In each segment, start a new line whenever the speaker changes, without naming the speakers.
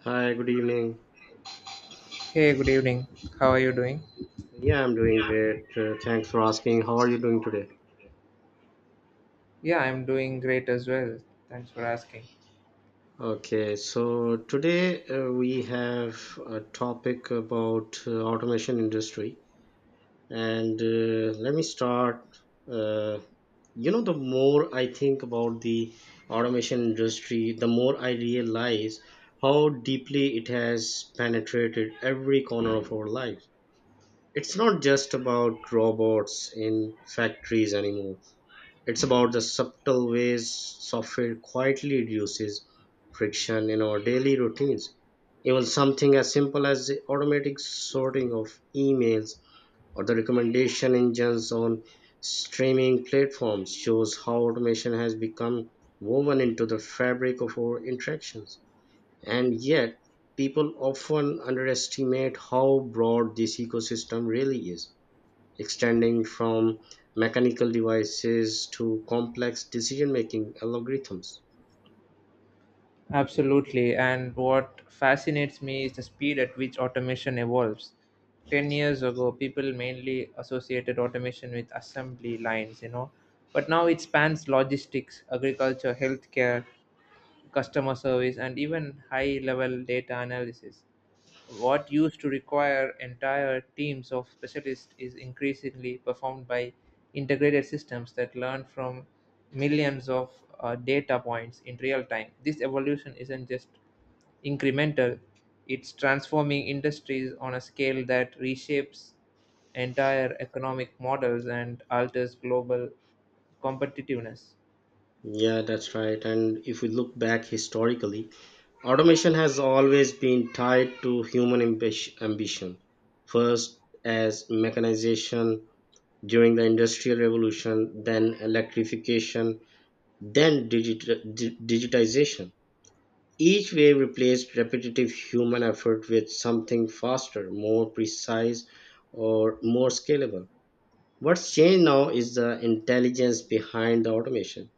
Hi, good evening.
Hey, good evening. How are you doing?
Yeah, I'm doing great. Thanks for asking. How are you doing today?
Yeah, I'm doing great as well. Thanks for asking.
Okay, so today we have a topic about automation industry. And let me start. Uh, the more I think about the automation industry, the more I realize how deeply it has penetrated every corner of our lives. It's not just about robots in factories anymore. It's about the subtle ways software quietly reduces friction in our daily routines. Even something as simple as the automatic sorting of emails or the recommendation engines on streaming platforms shows how automation has become woven into the fabric of our interactions. And yet, people often underestimate how broad this ecosystem really is, extending from mechanical devices to complex decision making algorithms.
Absolutely. And what fascinates me is the speed at which automation evolves. 10 years ago, people mainly associated automation with assembly lines, you know, but now it spans logistics, agriculture, healthcare, customer service, and even high level data analysis. What used to require entire teams of specialists is increasingly performed by integrated systems that learn from millions of data points in real time. This evolution isn't just incremental, it's transforming industries on a scale that reshapes entire economic models and alters global competitiveness.
Yeah, that's right. And if we look back historically, automation has always been tied to human ambition. First, as mechanization during the Industrial Revolution, then electrification, then digitization. Each wave replaced repetitive human effort with something faster, more precise, or more scalable. What's changed now is the intelligence behind the automation.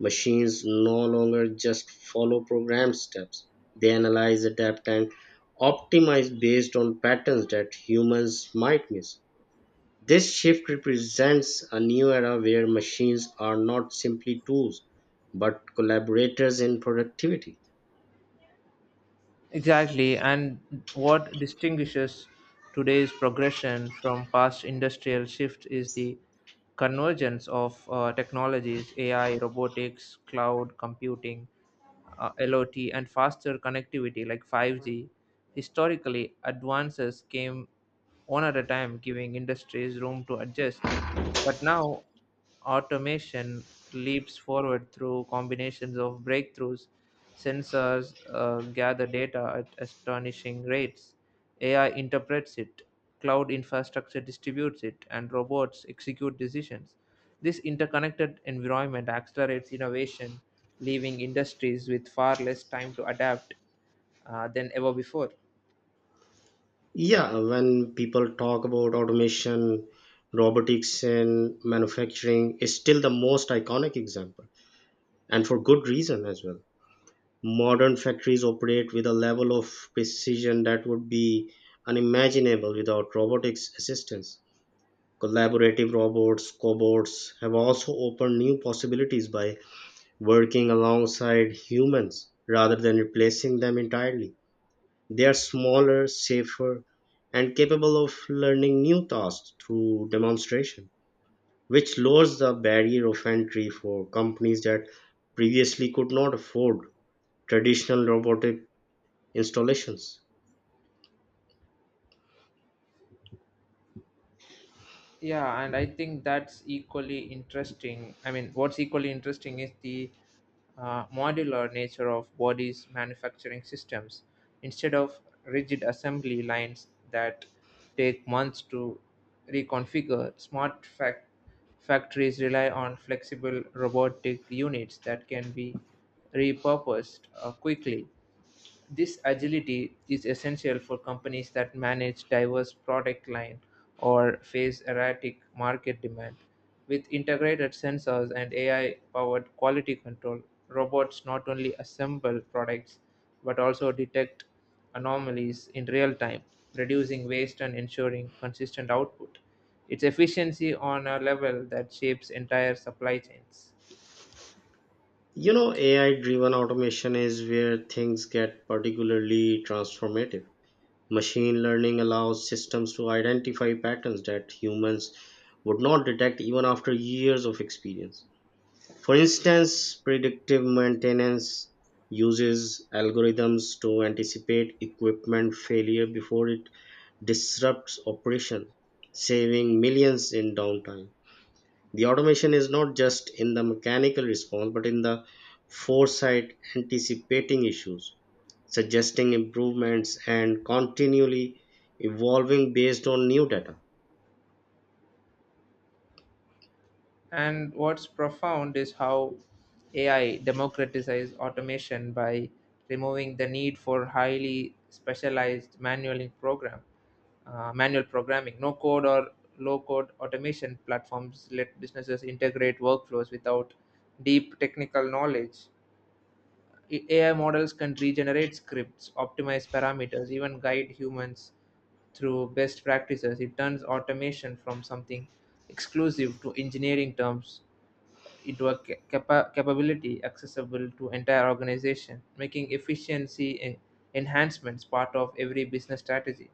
Machines no longer just follow program steps, they analyze, adapt, and optimize based on patterns that humans might miss. This shift represents a new era where machines are not simply tools but collaborators in productivity.
Exactly, and what distinguishes today's progression from past industrial shifts is the convergence of technologies, AI, robotics, cloud computing, LOT, and faster connectivity like 5G. Historically, advances came one at a time, giving industries room to adjust. But now automation leaps forward through combinations of breakthroughs. Sensors gather data at astonishing rates. AI interprets it, cloud infrastructure distributes it, and robots execute decisions. This interconnected environment accelerates innovation, leaving industries with far less time to adapt than ever before.
Yeah, when people talk about automation, robotics in manufacturing is still the most iconic example, and for good reason as well. Modern factories operate with a level of precision that would be unimaginable without robotics assistance. Collaborative robots, cobots, have also opened new possibilities by working alongside humans rather than replacing them entirely. They are smaller, safer, and capable of learning new tasks through demonstration, which lowers the barrier of entry for companies that previously could not afford traditional robotic installations.
Yeah, and I think that's equally interesting. I mean, what's equally interesting is the modular nature of bodies' manufacturing systems. Instead of rigid assembly lines that take months to reconfigure, factories rely on flexible robotic units that can be repurposed quickly. This agility is essential for companies that manage diverse product line or face erratic market demand. With integrated sensors and AI-powered quality control, robots not only assemble products but also detect anomalies in real time, reducing waste and ensuring consistent output. Its efficiency on a level that shapes entire supply chains.
You know, AI driven automation is where things get particularly transformative. Machine learning allows systems to identify patterns that humans would not detect even after years of experience. For instance, predictive maintenance uses algorithms to anticipate equipment failure before it disrupts operations, saving millions in downtime. The automation is not just in the mechanical response but in the foresight, anticipating issues, suggesting improvements, and continually evolving based on new data.
And what's profound is how AI democratizes automation by removing the need for highly specialized manual programming. No code or low code automation platforms let businesses integrate workflows without deep technical knowledge. AI models can regenerate scripts, optimize parameters, even guide humans through best practices. It turns automation from something exclusive to engineering terms into a capability accessible to entire organization, making enhancements part of every business strategy.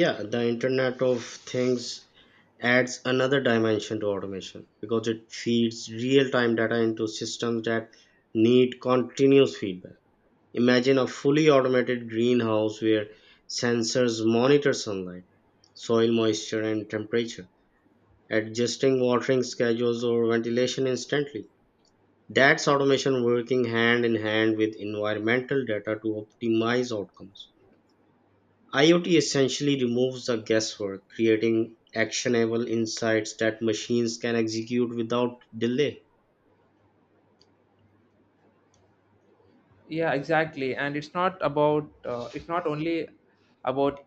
Yeah, the internet of things adds another dimension to automation because it feeds real time data into systems that need continuous feedback. Imagine a fully automated greenhouse where sensors monitor sunlight, soil moisture, and temperature, adjusting watering schedules or ventilation instantly. That's automation working hand in hand with environmental data to optimize outcomes. IoT essentially removes the guesswork, creating actionable insights that machines can execute without delay.
Yeah, exactly. And it's not about it's not only about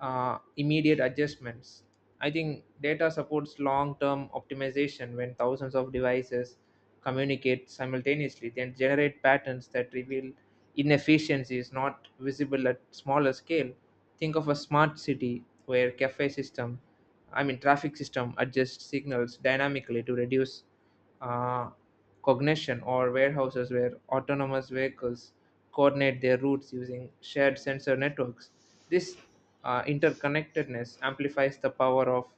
immediate adjustments. I think data supports long term optimization when thousands of devices communicate simultaneously then generate patterns that reveal inefficiencies not visible at smaller scale. Think of a smart city where cafe system I mean traffic system adjusts signals dynamically to reduce uh, cognition, or warehouses where autonomous vehicles coordinate their routes using shared sensor networks. This interconnectedness amplifies the power of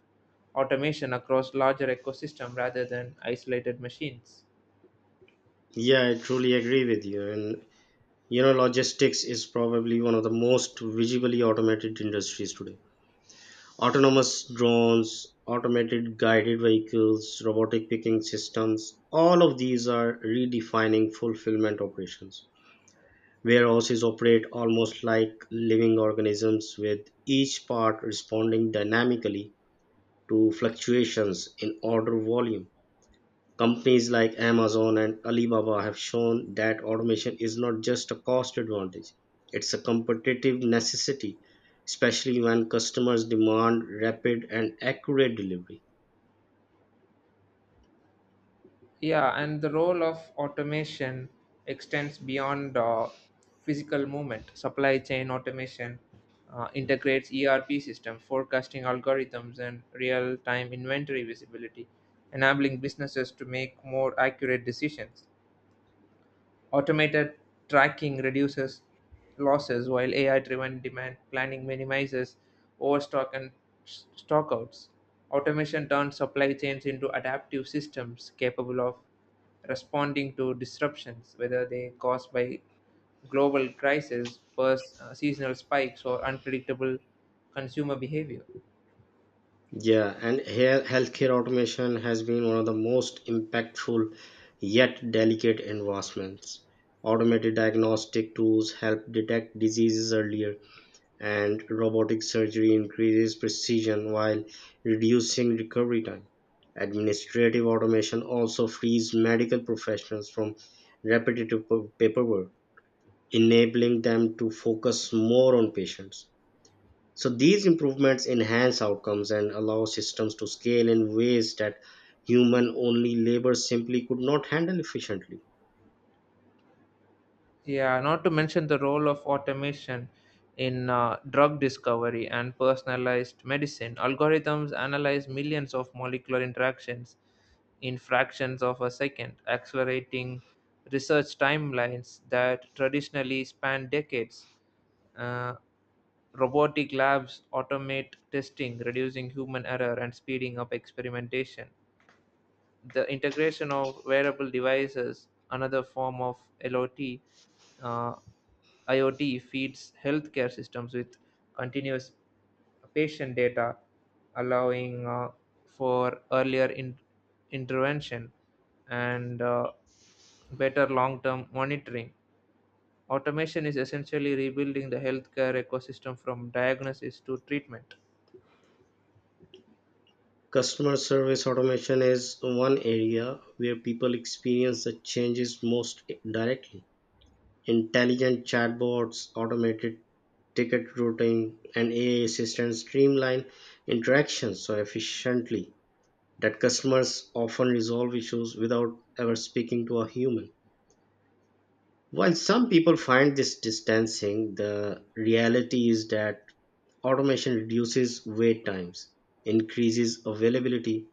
automation across larger ecosystem rather than isolated machines.
Yeah, I truly agree with you. And you know, logistics is probably one of the most visibly automated industries today. Autonomous drones, automated guided vehicles, robotic picking systems, all of these are redefining fulfillment operations. Warehouses operate almost like living organisms, with each part responding dynamically to fluctuations in order volume. Companies like Amazon and Alibaba have shown that automation is not just a cost advantage, it's a competitive necessity, especially when customers demand rapid and accurate delivery.
Yeah, and the role of automation extends beyond physical movement. Supply chain automation integrates ERP systems, forecasting algorithms, and real time inventory visibility, enabling businesses to make more accurate decisions. Automated tracking reduces losses, while AI-driven demand planning minimizes overstock and stockouts. Automation turns supply chains into adaptive systems capable of responding to disruptions, whether they caused by global crises, seasonal spikes, or unpredictable consumer behavior.
Yeah, and here healthcare automation has been one of the most impactful yet delicate advancements. Automated diagnostic tools help detect diseases earlier, and robotic surgery increases precision while reducing recovery time. Administrative automation also frees medical professionals from repetitive paperwork, enabling them to focus more on patients. So, these improvements enhance outcomes and allow systems to scale in ways that human only labor simply could not handle efficiently.
Yeah, not to mention the role of automation in drug discovery and personalized medicine. Algorithms analyze millions of molecular interactions in fractions of a second, accelerating research timelines that traditionally span decades. Uh, Robotic labs automate testing, reducing human error and speeding up experimentation. The integration of wearable devices, another form of LOT, uh, IoT, feeds healthcare systems with continuous patient data, allowing for earlier intervention and better long term monitoring. Automation is essentially rebuilding the healthcare ecosystem from diagnosis to treatment.
Customer service automation is one area where people experience the changes most directly. Intelligent chatbots, automated ticket routing, and AI assistants streamline interactions so efficiently that customers often resolve issues without ever speaking to a human. While some people find this distancing, the reality is that automation reduces wait times, increases availability,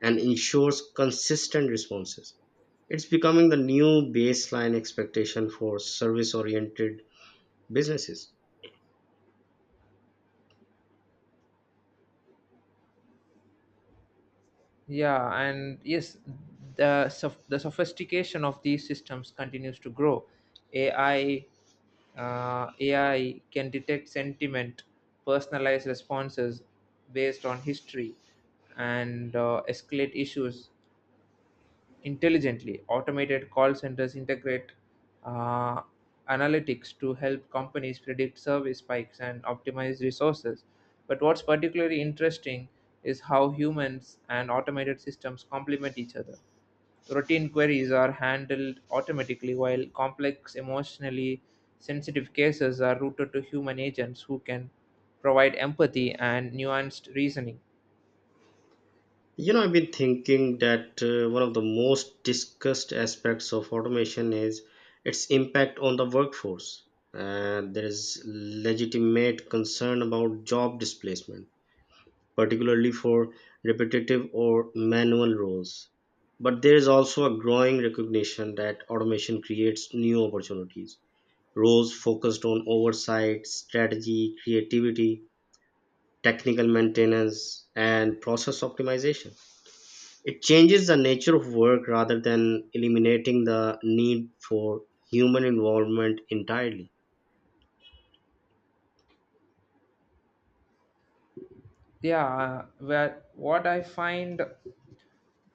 and ensures consistent responses. It's becoming the new baseline expectation for service oriented businesses.
Yeah, and yes, the sophistication of these systems continues to grow. AI uh, AI can detect sentiment, personalize responses based on history, and escalate issues intelligently. Automated call centers integrate uh, analytics to help companies predict service spikes and optimize resources. But what's particularly interesting is how humans and automated systems complement each other. Routine queries are handled automatically, while complex, emotionally sensitive cases are routed to human agents who can provide empathy and nuanced reasoning.
You know, I've been thinking that one of the most discussed aspects of automation is its impact on the workforce. And there is legitimate concern about job displacement, particularly for repetitive or manual roles. But there is also a growing recognition that automation creates new opportunities, roles focused on oversight, strategy, creativity, technical maintenance, and process optimization. It changes the nature of work rather than eliminating the need for human involvement entirely.
Yeah, where what I find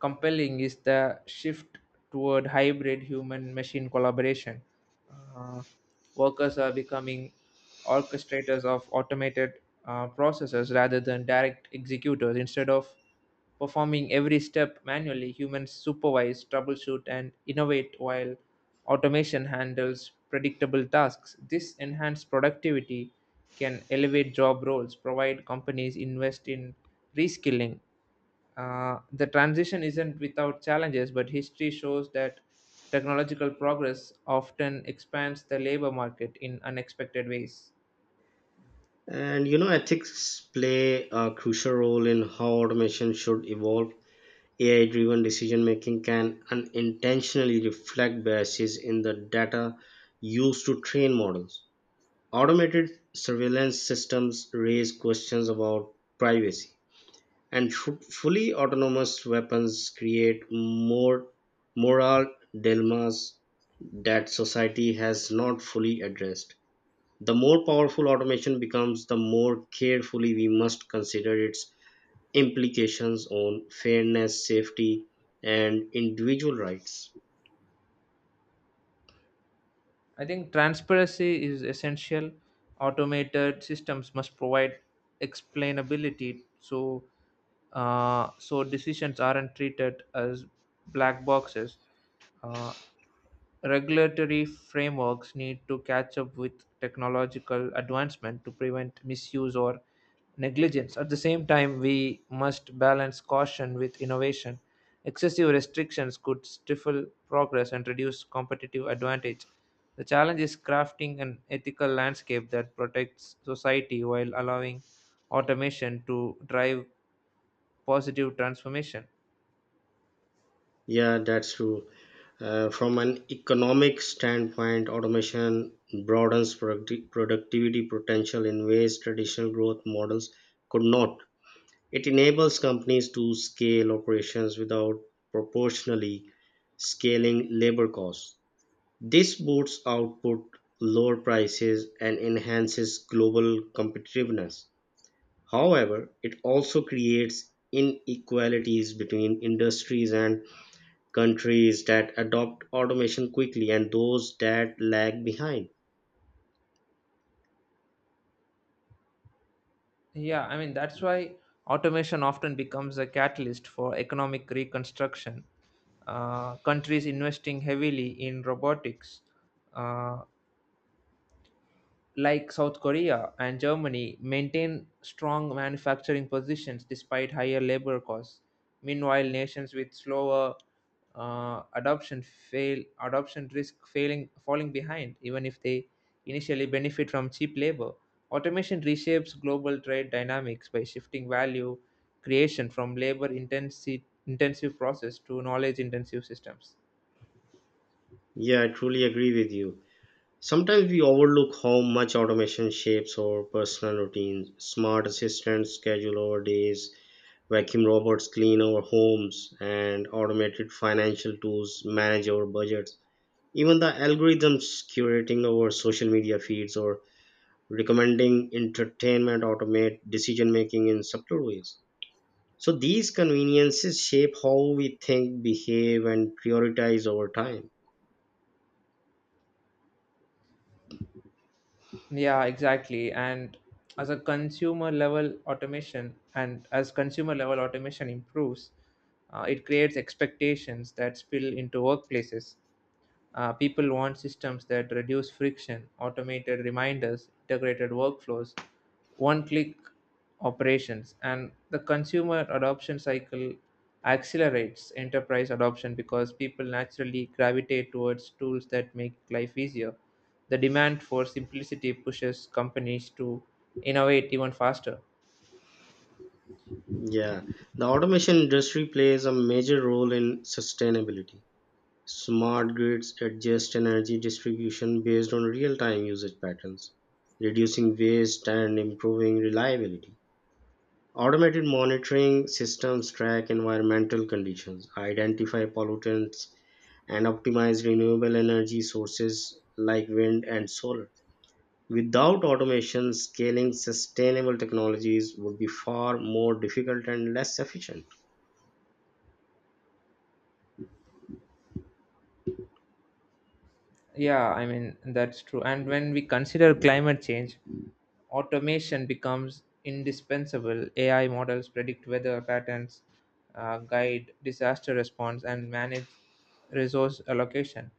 compelling is the shift toward hybrid human machine collaboration. Uh, Workers are becoming orchestrators of automated processes rather than direct executors. Instead of performing every step manually, humans supervise, troubleshoot, and innovate while automation handles predictable tasks. This enhanced productivity can elevate job roles, provide companies invest in reskilling. The transition isn't without challenges, but history shows that technological progress often expands the labor market in unexpected ways.
And you know, ethics play a crucial role in how automation should evolve. AI driven decision making can unintentionally reflect biases in the data used to train models. Automated surveillance systems raise questions about privacy, and fully autonomous weapons create more moral dilemmas that society has not fully addressed. The more powerful automation becomes, the more carefully we must consider its implications on fairness, safety, and individual rights.
I think transparency is essential. Automated systems must provide explainability so decisions aren't treated as black boxes. Uh, Regulatory frameworks need to catch up with technological advancement to prevent misuse or negligence. At the same time, we must balance caution with innovation. Excessive restrictions could stifle progress and reduce competitive advantage. The challenge is crafting an ethical landscape that protects society while allowing automation to drive positive transformation.
Yeah, that's true. From an economic standpoint, automation broadens productivity potential in ways traditional growth models could not. It enables companies to scale operations without proportionally scaling labor costs. This boosts output, lower prices, and enhances global competitiveness. However, it also creates inequalities between industries and countries that adopt automation quickly and those that lag behind.
Yeah, I mean, that's why automation often becomes a catalyst for economic reconstruction. Countries investing heavily in robotics, uh, like South Korea and Germany, maintain strong manufacturing positions despite higher labor costs. Meanwhile, nations with slower adoption fail adoption risk failing falling behind, even if they initially benefit from cheap labor. Automation reshapes global trade dynamics by shifting value creation from labor intensive intensive process to knowledge intensive systems.
Yeah, I truly agree with you. Sometimes we overlook how much automation shapes our personal routines. Smart assistants schedule our days, vacuum robots clean our homes, and automated financial tools manage our budgets. Even the algorithms curating our social media feeds or recommending entertainment automate decision making in subtle ways. So these conveniences shape how we think, behave, and prioritize our time.
Yeah, exactly. And as a consumer level automation and as consumer level automation improves, it creates expectations that spill into workplaces. People want systems that reduce friction, automated reminders, integrated workflows, one click operations, and the consumer adoption cycle accelerates enterprise adoption because people naturally gravitate towards tools that make life easier. The demand for simplicity pushes companies to innovate even faster.
Yeah, the automation industry plays a major role in sustainability. Smart grids adjust energy distribution based on real time usage patterns, reducing waste and improving reliability. Automated monitoring systems track environmental conditions, identify pollutants, and optimize renewable energy sources like wind and solar. Without automation, scaling sustainable technologies would be far more difficult and less efficient.
Yeah, I mean, that's true. And when we consider climate change, automation becomes indispensable. AI models predict weather patterns, guide disaster response, and manage resource allocation.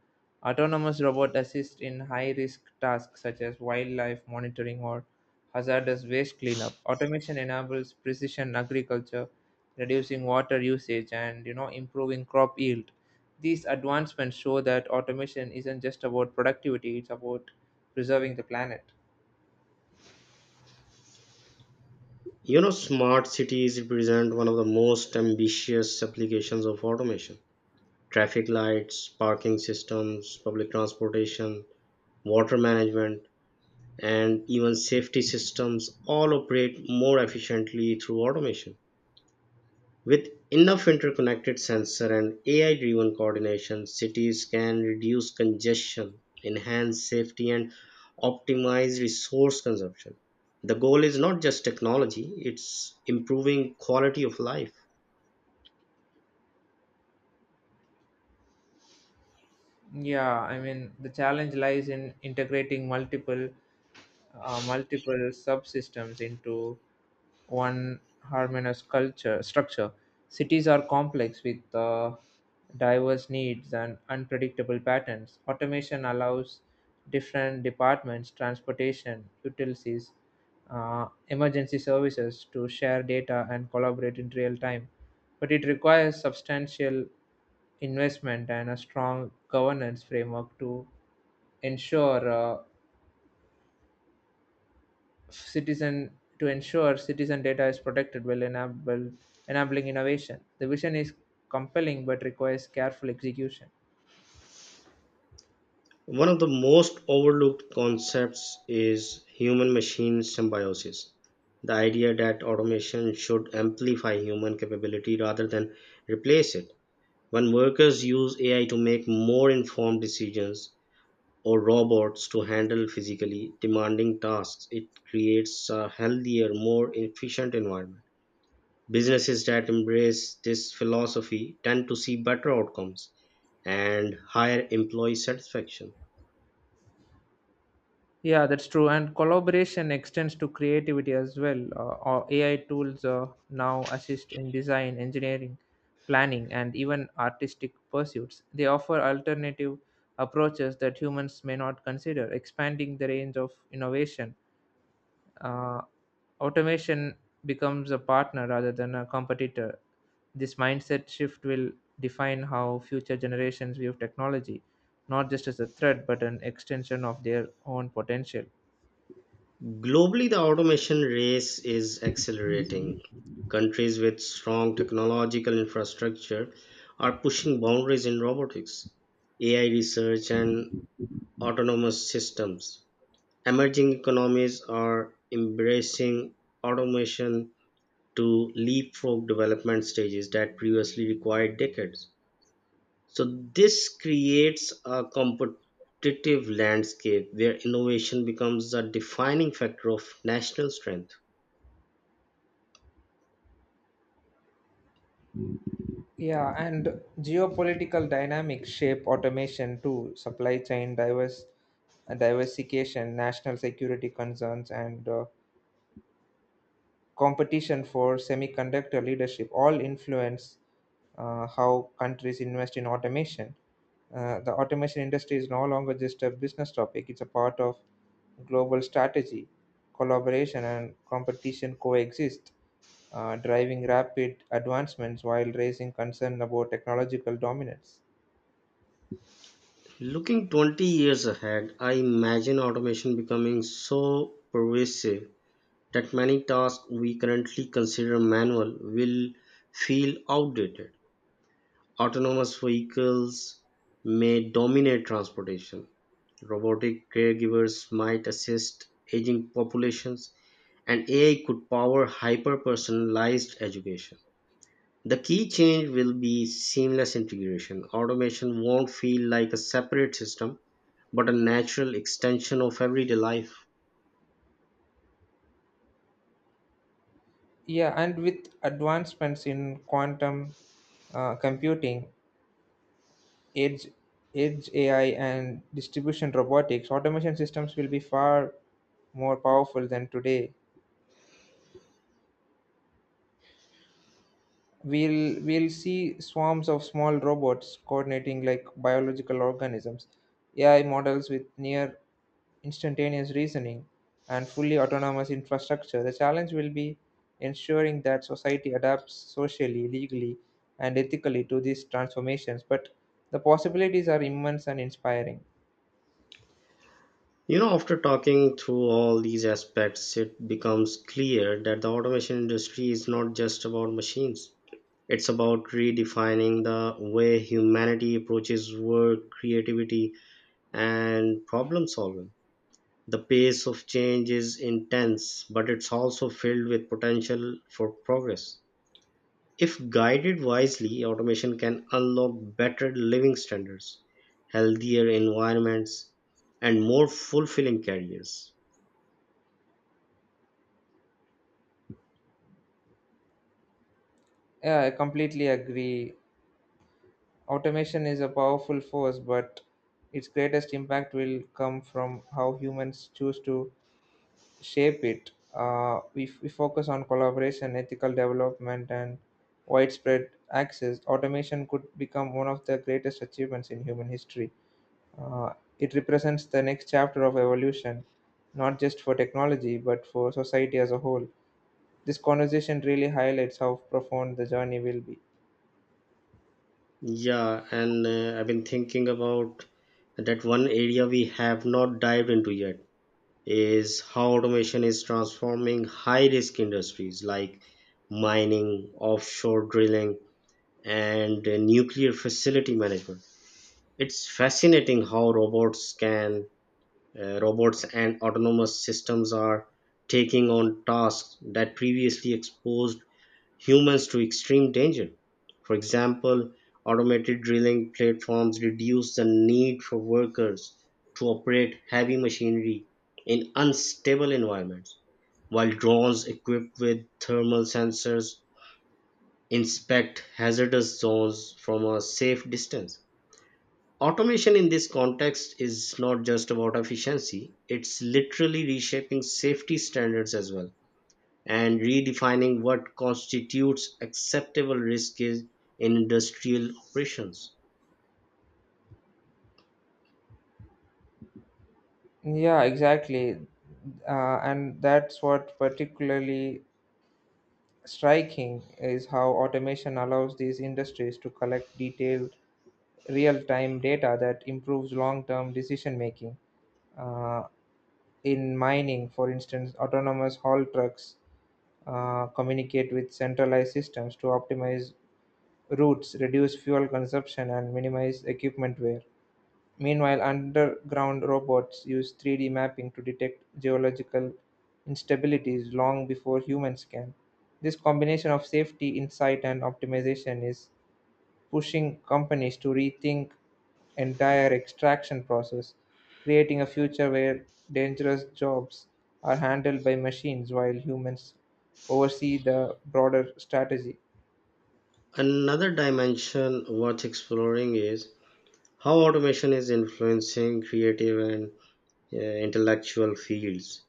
Autonomous robots assist in high risk tasks such as wildlife monitoring or hazardous waste cleanup. Automation enables precision agriculture, reducing water usage and you know improving crop yield. These advancements show that automation isn't just about productivity, it's about preserving the planet.
You know, smart cities represent one of the most ambitious applications of automation. Traffic lights, parking systems, public transportation, water management, and even safety systems all operate more efficiently through automation. With enough interconnected sensor and AI-driven coordination, cities can reduce congestion, enhance safety, and optimize resource consumption. The goal is not just technology, it's improving quality of life.
Yeah, I mean, the challenge lies in integrating multiple subsystems into one harmonious culture structure. Cities are complex with diverse needs and unpredictable patterns. Automation allows different departments, transportation, utilities, emergency services to share data and collaborate in real time. But it requires substantial investment and a strong governance framework to ensure uh, citizen ensure citizen data is protected while enabling innovation. The vision is compelling but requires careful execution.
One of the most overlooked concepts is human machine symbiosis, the idea that automation should amplify human capability rather than replace it. When workers use AI to make more informed decisions, or robots to handle physically demanding tasks, it creates a healthier, more efficient environment. Businesses that embrace this philosophy tend to see better outcomes and higher employee satisfaction.
Yeah, that's true. And collaboration extends to creativity as well. Or AI tools now assist in design, engineering, planning, and even artistic pursuits. They offer alternative approaches that humans may not consider, expanding the range of innovation. uh, Automation becomes a partner rather than a competitor. This mindset shift will define how future generations view technology, not just as a threat, but an extension of their own potential.
Globally, the automation race is accelerating. Countries with strong technological infrastructure are pushing boundaries in robotics, AI research, and autonomous systems. Emerging economies are embracing automation to leapfrog development stages that previously required decades. So, this creates a competitive landscape where innovation becomes a defining factor of national strength.
Yeah, and geopolitical dynamics shape automation too, diversification, national security concerns, and competition for semiconductor leadership all influence how countries invest in automation. The automation industry is no longer just a business topic, it's a part of global strategy. Collaboration and competition coexist, driving rapid advancements while raising concern about technological dominance.
Looking 20 years ahead, I imagine automation becoming so pervasive that many tasks we currently consider manual will feel outdated. Autonomous vehicles may dominate transportation. Robotic caregivers might assist aging populations, and AI could power hyper personalized education. The key change will be seamless integration. Automation won't feel like a separate system, but a natural extension of everyday life.
Yeah, and with advancements in quantum computing, edge, edge AI, and distribution robotics, automation systems will be far more powerful than today. We'll see swarms of small robots coordinating like biological organisms, AI models with near instantaneous reasoning and fully autonomous infrastructure. The challenge will be ensuring that society adapts socially, legally, and ethically to these transformations, but the possibilities are immense and inspiring.
You know, after talking through all these aspects, it becomes clear that the automation industry is not just about machines. It's about redefining the way humanity approaches work, creativity, and problem solving. The pace of change is intense, but it's also filled with potential for progress. If guided wisely, automation can unlock better living standards, healthier environments, and more fulfilling careers.
Yeah, I completely agree. Automation is a powerful force, but its greatest impact will come from how humans choose to shape it. We focus on collaboration, ethical development, and widespread access. Automation could become one of the greatest achievements in human history. Uh, it represents the next chapter of evolution, not just for technology, but for society as a whole. This conversation really highlights how profound the journey will be.
Yeah, and I've been thinking about that one area we have not dived into yet is how automation is transforming high risk industries like mining, offshore drilling, and nuclear facility management. It's fascinating how robots and autonomous systems are taking on tasks that previously exposed humans to extreme danger. For example, automated drilling platforms reduce the need for workers to operate heavy machinery in unstable environments, while drones equipped with thermal sensors inspect hazardous zones from a safe distance. Automation in this context is not just about efficiency, it's literally reshaping safety standards as well, and redefining what constitutes acceptable risk is in industrial operations.
Yeah, exactly. And that's what particularly striking is how automation allows these industries to collect detailed real-time data that improves long-term decision making. Uh, in mining, for instance, autonomous haul trucks communicate with centralized systems to optimize routes, reduce fuel consumption, and minimize equipment wear. Meanwhile, underground robots use 3D mapping to detect geological instabilities long before humans can. This combination of safety, insight, and optimization is pushing companies to rethink entire extraction process, creating a future where dangerous jobs are handled by machines while humans oversee the broader strategy.
Another dimension worth exploring is how automation is influencing creative and intellectual fields.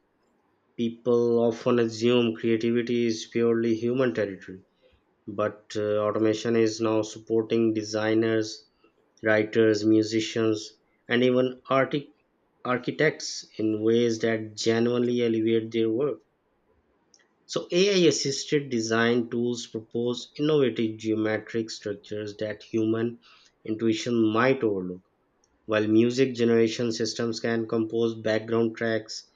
People often assume creativity is purely human territory, but automation is now supporting designers, writers, musicians, and even architects in ways that genuinely elevate their work. So AI assisted design tools propose innovative geometric structures that human intuition might overlook, while music generation systems can compose background tracks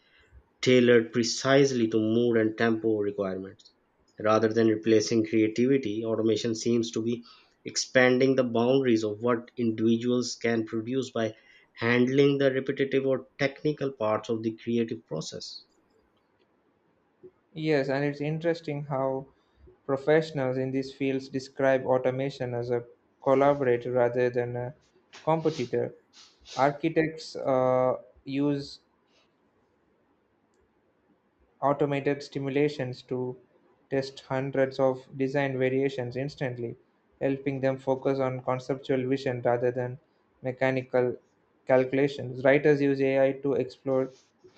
tailored precisely to mood and tempo requirements. Rather than replacing creativity, automation seems to be expanding the boundaries of what individuals can produce by handling the repetitive or technical parts of the creative process.
Yes, and it's interesting how professionals in these fields describe automation as a collaborator rather than a competitor. Architects use automated stimulations to test hundreds of variations instantly, helping them focus on conceptual vision rather than mechanical calculations. Writers use AI to explore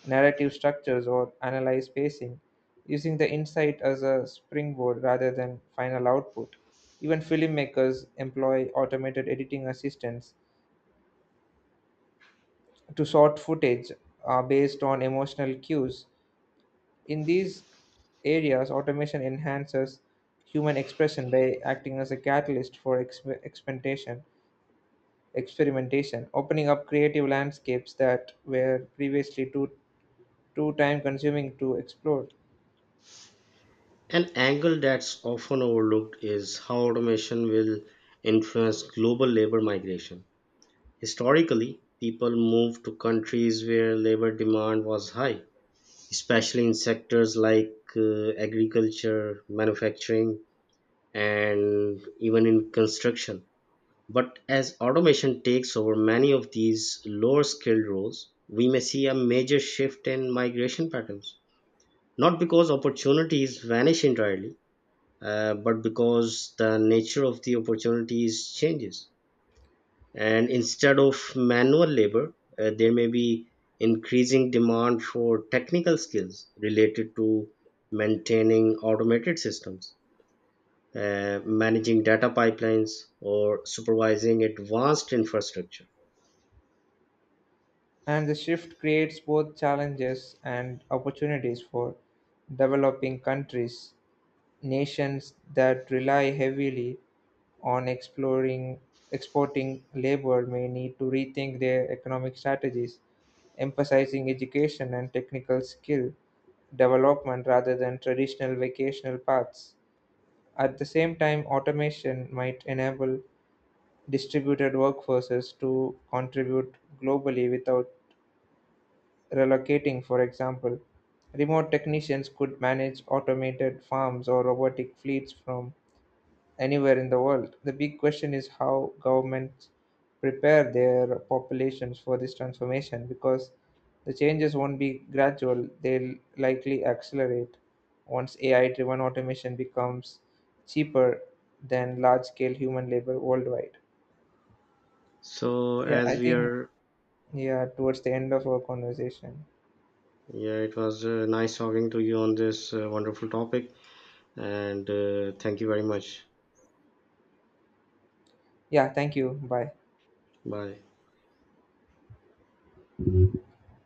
narrative structures or analyze pacing, using the insight as a springboard rather than final output. Even filmmakers employ automated editing assistants to sort footage based on emotional cues. In these areas, automation enhances human expression by acting as a catalyst for experimentation, opening up creative landscapes that were previously too time consuming to explore.
An angle that's often overlooked is how automation will influence global labor migration. Historically, people moved to countries where labor demand was high, especially in sectors like agriculture, manufacturing, and even in construction. But as automation takes over many of these lower skilled roles, we may see a major shift in migration patterns. Not because opportunities vanish entirely, but because the nature of the opportunities changes. And instead of manual labor, there may be increasing demand for technical skills related to maintaining automated systems, managing data pipelines, or supervising advanced infrastructure.
And the shift creates both challenges and opportunities for developing countries, nations that rely heavily on exploring exporting labor may need to rethink their economic strategies, emphasizing education and technical skill development rather than traditional vocational paths. At the same time, automation might enable distributed workforces to contribute globally without relocating, for example. Remote technicians could manage automated farms or robotic fleets from anywhere in the world. The big question is how governments prepare their populations for this transformation because the changes won't be gradual, they'll likely accelerate once AI driven automation becomes cheaper than large scale human labor worldwide.
So,
Yeah, I
as we
think,
are,
yeah, towards the end of our conversation.
yeah, it was nice talking to you on this wonderful topic, and thank you very much.
Yeah, thank you. Bye.
Bye.